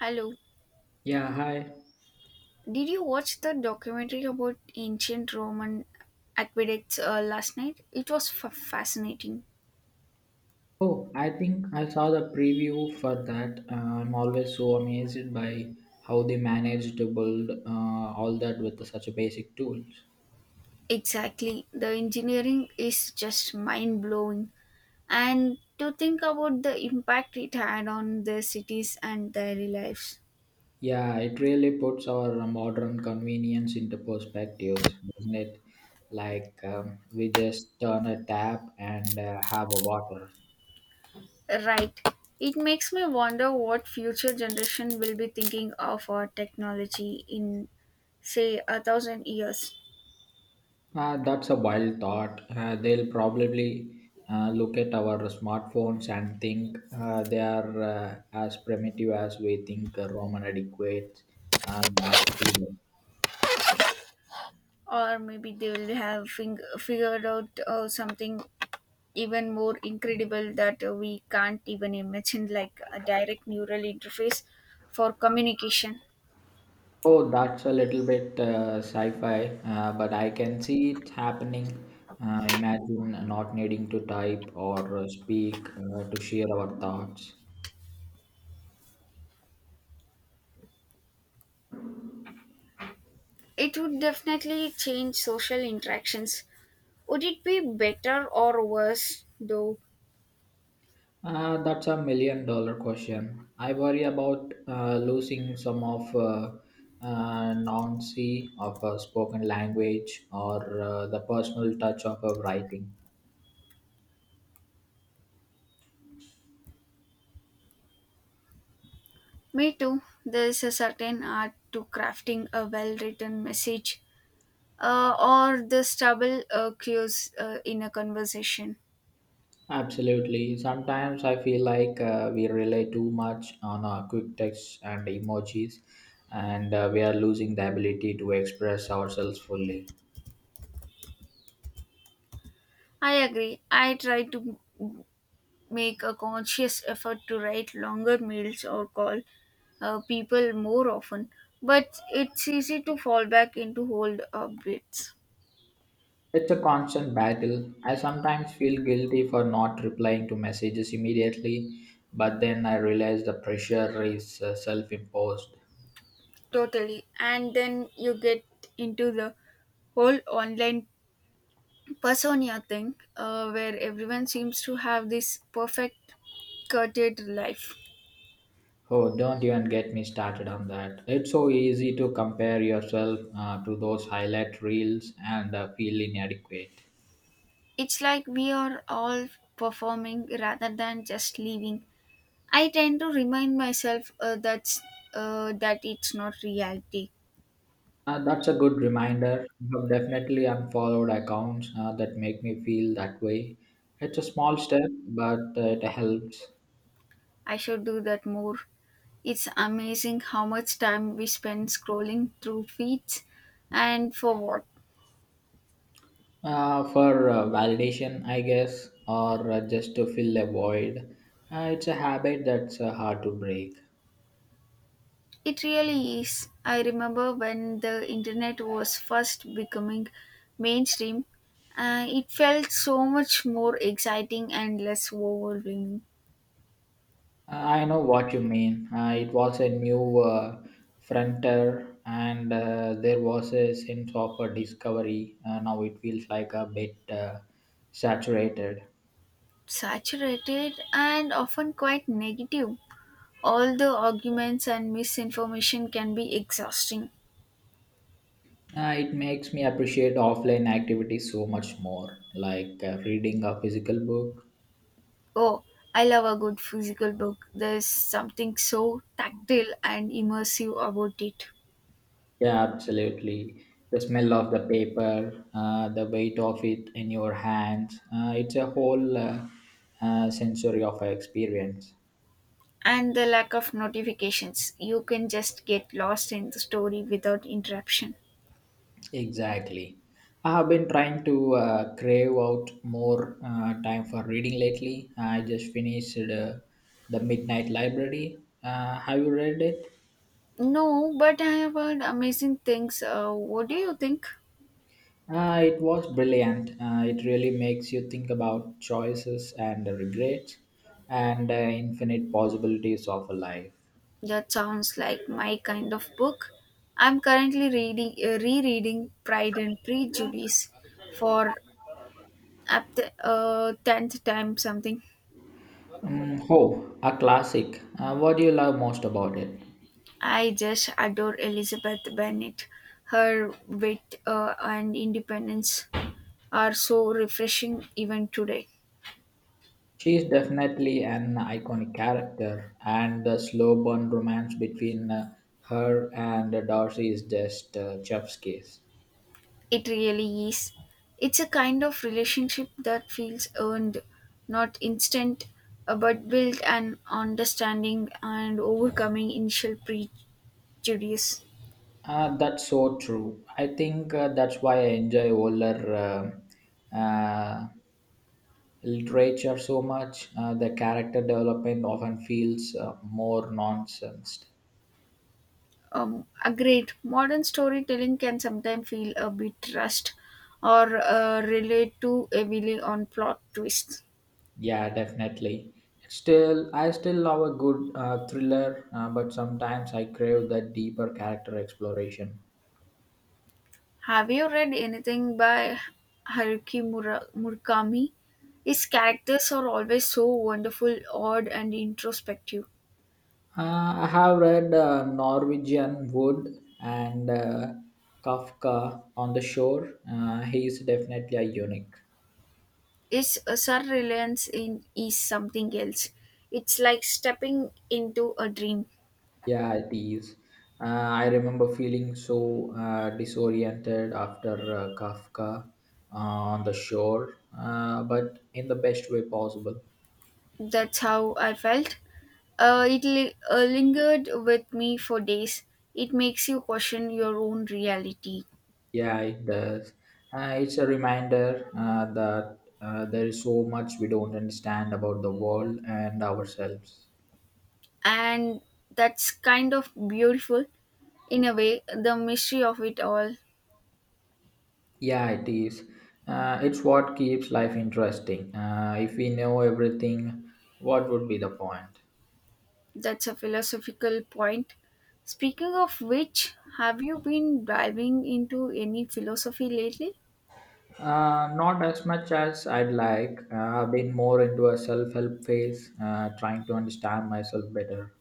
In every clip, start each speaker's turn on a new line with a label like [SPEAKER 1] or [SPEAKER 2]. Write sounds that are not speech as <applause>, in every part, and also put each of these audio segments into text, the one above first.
[SPEAKER 1] Hello.
[SPEAKER 2] Yeah, hi.
[SPEAKER 1] Did you watch the documentary about ancient Roman aqueducts last night? It was fascinating.
[SPEAKER 2] Oh, I think I saw the preview for that. I'm always so amazed by how they managed to build all that with such a basic tools.
[SPEAKER 1] Exactly. The engineering is just mind blowing. And to think about the impact it had on their cities and their lives.
[SPEAKER 2] Yeah, it really puts our modern convenience into perspectives, doesn't it? Like we just turn a tap and have a water.
[SPEAKER 1] Right. It makes me wonder what future generation will be thinking of our technology in, say, 1,000 years.
[SPEAKER 2] That's a wild thought. They'll probably look at our smartphones and think they are as primitive as we think Roman adequate. Are.
[SPEAKER 1] Or maybe they will have figured out something even more incredible that we can't even imagine, like a direct neural interface for communication.
[SPEAKER 2] Oh, that's a little bit sci fi, but I can see it happening. Imagine not needing to type or speak to share our thoughts.
[SPEAKER 1] It would definitely change social interactions. Would it be better or worse though?
[SPEAKER 2] That's a million dollar question. I worry about losing some of nuancy of a spoken language or the personal touch of a writing.
[SPEAKER 1] Me too. There is a certain art to crafting a well written message, or the stubble cues in a conversation.
[SPEAKER 2] Absolutely. Sometimes I feel like we rely too much on our quick text and emojis, and we are losing the ability to express ourselves fully.
[SPEAKER 1] I agree. I try to make a conscious effort to write longer mails or call people more often, but it's easy to fall back into old habits.
[SPEAKER 2] It's a constant battle. I sometimes feel guilty for not replying to messages immediately, but then I realize the pressure is self imposed.
[SPEAKER 1] Totally. And then you get into the whole online persona thing where everyone seems to have this perfect curated life.
[SPEAKER 2] Oh, don't even get me started on that. It's so easy to compare yourself to those highlight reels and feel inadequate.
[SPEAKER 1] It's like we are all performing rather than just living. I tend to remind myself that it's not reality.
[SPEAKER 2] That's a good reminder. I've definitely unfollowed accounts that make me feel that way. It's a small step, but it helps.
[SPEAKER 1] I should do that more. It's amazing how much time we spend scrolling through feeds, and for what.
[SPEAKER 2] For validation, I guess, or just to fill a void. It's a habit that's hard to break.
[SPEAKER 1] It really is. I remember when the internet was first becoming mainstream, it felt so much more exciting and less overwhelming,
[SPEAKER 2] I know what you mean. It was a new frontier, and there was a sense of a discovery. Now it feels like a bit saturated.
[SPEAKER 1] saturated, and often quite negative. All the arguments and misinformation can be exhausting.
[SPEAKER 2] It makes me appreciate offline activities so much more, like reading a physical book.
[SPEAKER 1] Oh, I love a good physical book. There's something so tactile and immersive about it.
[SPEAKER 2] Yeah, absolutely. The smell of the paper, the weight of it in your hands, it's a whole sensory of experience.
[SPEAKER 1] And the lack of notifications. You can just get lost in the story without interruption.
[SPEAKER 2] Exactly. I have been trying to crave out more time for reading lately. I just finished The Midnight Library. Have you read it?
[SPEAKER 1] No, but I have heard amazing things. What do you think?
[SPEAKER 2] It was brilliant. It really makes you think about choices and regrets and infinite possibilities of a life.
[SPEAKER 1] That sounds like my kind of book. I'm currently rereading Pride and Prejudice for, at the 10th time something.
[SPEAKER 2] Oh, a classic. What do you love most about it?
[SPEAKER 1] I just adore Elizabeth Bennet. Her wit and independence are so refreshing even today.
[SPEAKER 2] She is definitely an iconic character, and the slow burn romance between her and Darcy is just chef's kiss.
[SPEAKER 1] It really is. It's a kind of relationship that feels earned, not instant, but built an understanding and overcoming initial prejudice.
[SPEAKER 2] That's so true. I think that's why I enjoy older uh, uh, literature so much. The character development often feels more nonsense.
[SPEAKER 1] A great modern storytelling can sometimes feel a bit rushed, or relate too heavily on plot twists.
[SPEAKER 2] Yeah, definitely. Still, I still love a good thriller, but sometimes I crave that deeper character exploration.
[SPEAKER 1] Have you read anything by Haruki Murakami? His characters are always so wonderful, odd, and introspective.
[SPEAKER 2] Uh, I have read Norwegian Wood and Kafka on the Shore. He is definitely a unique.
[SPEAKER 1] His surrealness in is something else. It's like stepping into a dream.
[SPEAKER 2] Yeah, it is. I remember feeling so disoriented after Kafka on the shore, but in the best way possible.
[SPEAKER 1] That's how I felt. It lingered with me for days. It makes you question your own reality,
[SPEAKER 2] Yeah, it does. It's a reminder that there is so much we don't understand about the world and ourselves.
[SPEAKER 1] and that's kind of beautiful in a way. The mystery of it all.
[SPEAKER 2] Yeah, it is. It's what keeps life interesting. If we know everything, what would be the point?
[SPEAKER 1] That's a philosophical point. Speaking of which, have you been diving into any philosophy lately?
[SPEAKER 2] Not as much as I'd like. I've been more into a self help phase, trying to understand myself better.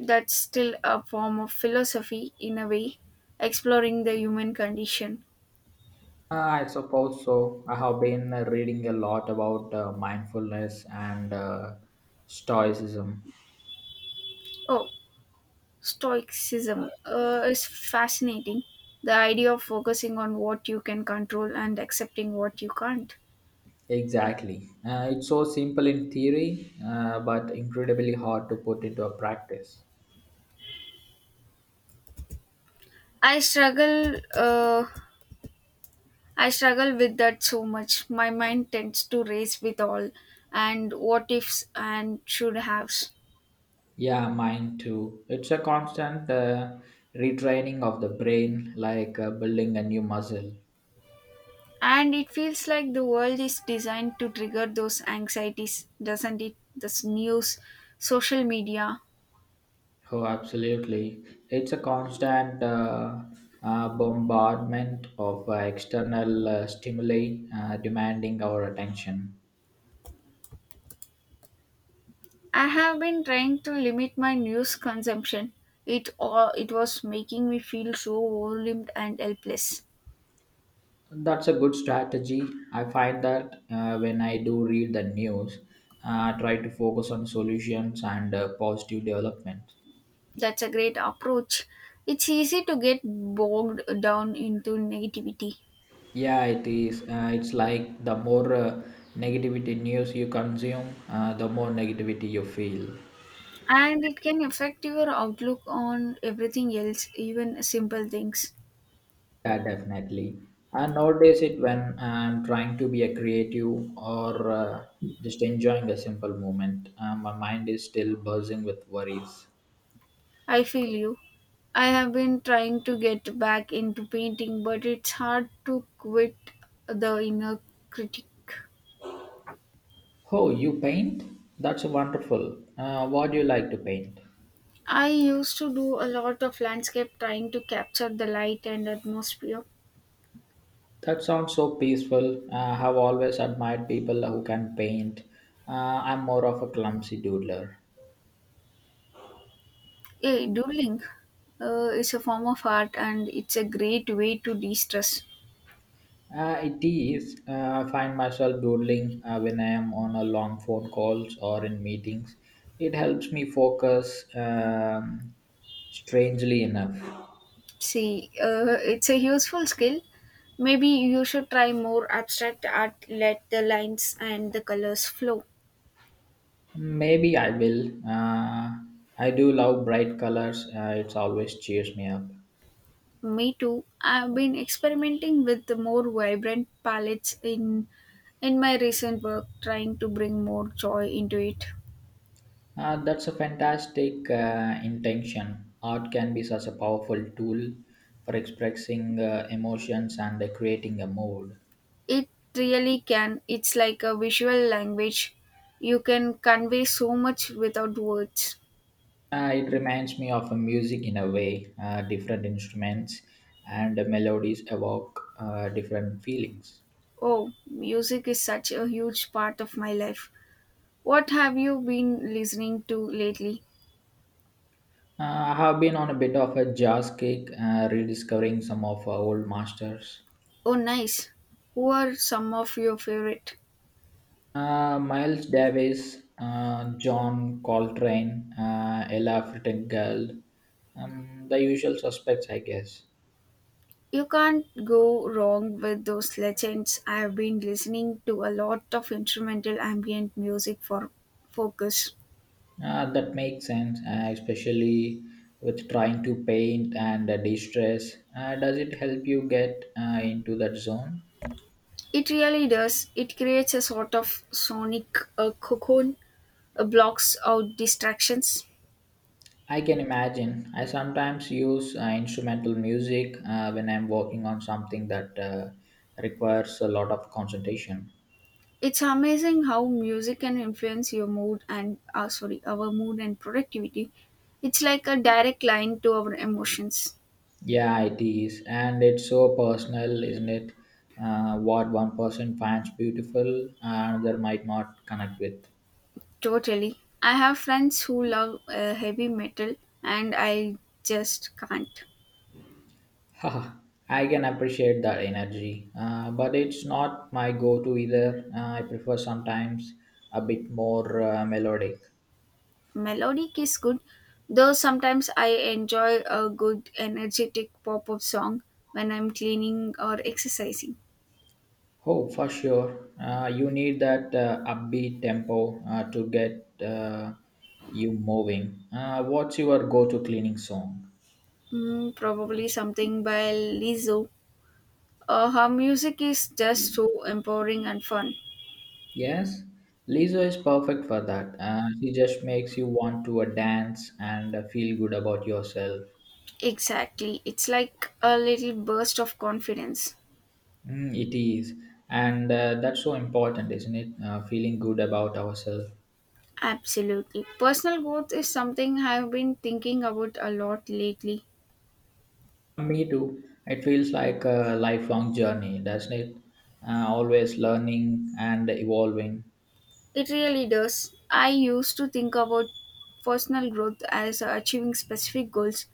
[SPEAKER 1] That's still a form of philosophy in a way, exploring the human condition.
[SPEAKER 2] I suppose so. I have been reading a lot about mindfulness and stoicism.
[SPEAKER 1] Oh, Stoicism is fascinating. The idea of focusing on what you can control and accepting what you can't.
[SPEAKER 2] Exactly. It's so simple in theory, but incredibly hard to put into a practice.
[SPEAKER 1] I struggle uh, I struggle with that so much. My mind tends to race with all and what ifs and should haves.
[SPEAKER 2] Yeah, mine too. It's a constant retraining of the brain, like building a new muscle.
[SPEAKER 1] And it feels like the world is designed to trigger those anxieties, doesn't it? This news, social media.
[SPEAKER 2] Oh, absolutely. It's a constant bombardment of external stimuli demanding our attention.
[SPEAKER 1] I have been trying to limit my news consumption. It all it was making me feel so overwhelmed and helpless.
[SPEAKER 2] That's a good strategy. I find that when I do read the news, I try to focus on solutions and positive developments.
[SPEAKER 1] That's a great approach. It's easy to get bogged down into negativity.
[SPEAKER 2] Yeah, it is. It's like the more negativity news you consume, the more negativity you feel.
[SPEAKER 1] And it can affect your outlook on everything else, even simple things.
[SPEAKER 2] Yeah, definitely. And nowadays, it when I'm trying to be a creative or just enjoying a simple moment, my mind is still buzzing with worries.
[SPEAKER 1] I feel you. I have been trying to get back into painting, but it's hard to quit the inner critic.
[SPEAKER 2] Oh, you paint? That's wonderful. What do you like to paint?
[SPEAKER 1] I used to do a lot of landscape, trying to capture the light and atmosphere.
[SPEAKER 2] That sounds so peaceful. I have always admired people who can paint. Uh, I'm more of a clumsy doodler.
[SPEAKER 1] Yeah, doodling is a form of art, and it's a great way to de stress.
[SPEAKER 2] It is. I find myself doodling when I am on a long phone calls or in meetings. It helps me focus, strangely enough.
[SPEAKER 1] See, it's a useful skill. Maybe you should try more abstract art, let the lines and the colors flow.
[SPEAKER 2] Maybe I will. I do love bright colors. It always cheers me up.
[SPEAKER 1] Me too. I've been experimenting with the more vibrant palettes in my recent work, trying to bring more joy into it.
[SPEAKER 2] That's a fantastic intention. Art can be such a powerful tool for expressing emotions and creating a mood.
[SPEAKER 1] It really can. It's like a visual language. You can convey so much without words.
[SPEAKER 2] It reminds me of music in a way. Different instruments and melodies evoke different feelings.
[SPEAKER 1] Oh, music is such a huge part of my life. What have you been listening to lately?
[SPEAKER 2] I have been on a bit of a jazz kick, rediscovering some of our old masters.
[SPEAKER 1] Oh, nice. Who are some of your favorite?
[SPEAKER 2] Miles Davis, John Coltrane, Ella Fitzgerald, the usual suspects, I guess.
[SPEAKER 1] You can't go wrong with those legends. I've been listening to a lot of instrumental ambient music for focus.
[SPEAKER 2] That makes sense, especially with trying to paint and de-stress. Does it help you get into that zone?
[SPEAKER 1] It really does. It creates a sort of sonic cocoon, blocks out distractions.
[SPEAKER 2] I can imagine. I sometimes use instrumental music when I'm working on something that requires a lot of concentration.
[SPEAKER 1] It's amazing how music can influence your our mood and productivity. It's like a direct line to our emotions.
[SPEAKER 2] Yeah, it is, and it's so personal, isn't it? What one person finds beautiful, another might not connect with.
[SPEAKER 1] Totally. I have friends who love heavy metal, and I just can't.
[SPEAKER 2] <laughs> Haha, I can appreciate that energy, but it's not my go-to either. I prefer sometimes a bit more melodic.
[SPEAKER 1] Melodic is good, though sometimes I enjoy a good energetic pop up song when I'm cleaning or exercising.
[SPEAKER 2] Oh, for sure. You need that upbeat tempo to get you moving. What's your go-to cleaning song?
[SPEAKER 1] Mm, probably something by Lizzo. Her music is just so empowering and fun.
[SPEAKER 2] Yes, Lizzo is perfect for that. She just makes you want to dance and feel good about yourself.
[SPEAKER 1] Exactly. It's like a little burst of confidence.
[SPEAKER 2] Mm, it is. And that's so important, isn't it? Feeling good about ourselves.
[SPEAKER 1] Absolutely. Personal growth is something I've been thinking about a lot lately.
[SPEAKER 2] Me too. It feels like a lifelong journey, doesn't it? Always learning and evolving.
[SPEAKER 1] It really does. I used to think about personal growth as achieving specific goals,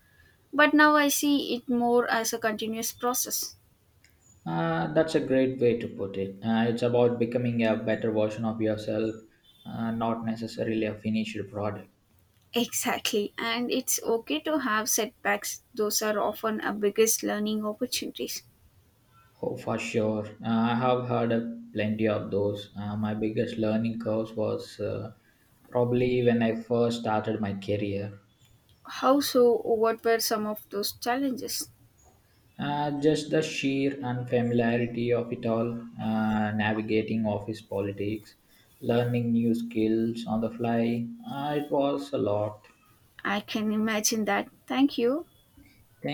[SPEAKER 1] but now I see it more as a continuous process. <laughs>
[SPEAKER 2] That's a great way to put it. It's about becoming a better version of yourself, not necessarily a finished product.
[SPEAKER 1] Exactly, and it's okay to have setbacks. Those are often our biggest learning opportunities.
[SPEAKER 2] Oh, for sure. I have heard plenty of those. My biggest learning curve was probably when I first started my career.
[SPEAKER 1] How so? What were some of those challenges?
[SPEAKER 2] Just the sheer unfamiliarity of it all, navigating office politics, learning new skills on the fly. It was a lot.
[SPEAKER 1] I can imagine that. Thank you.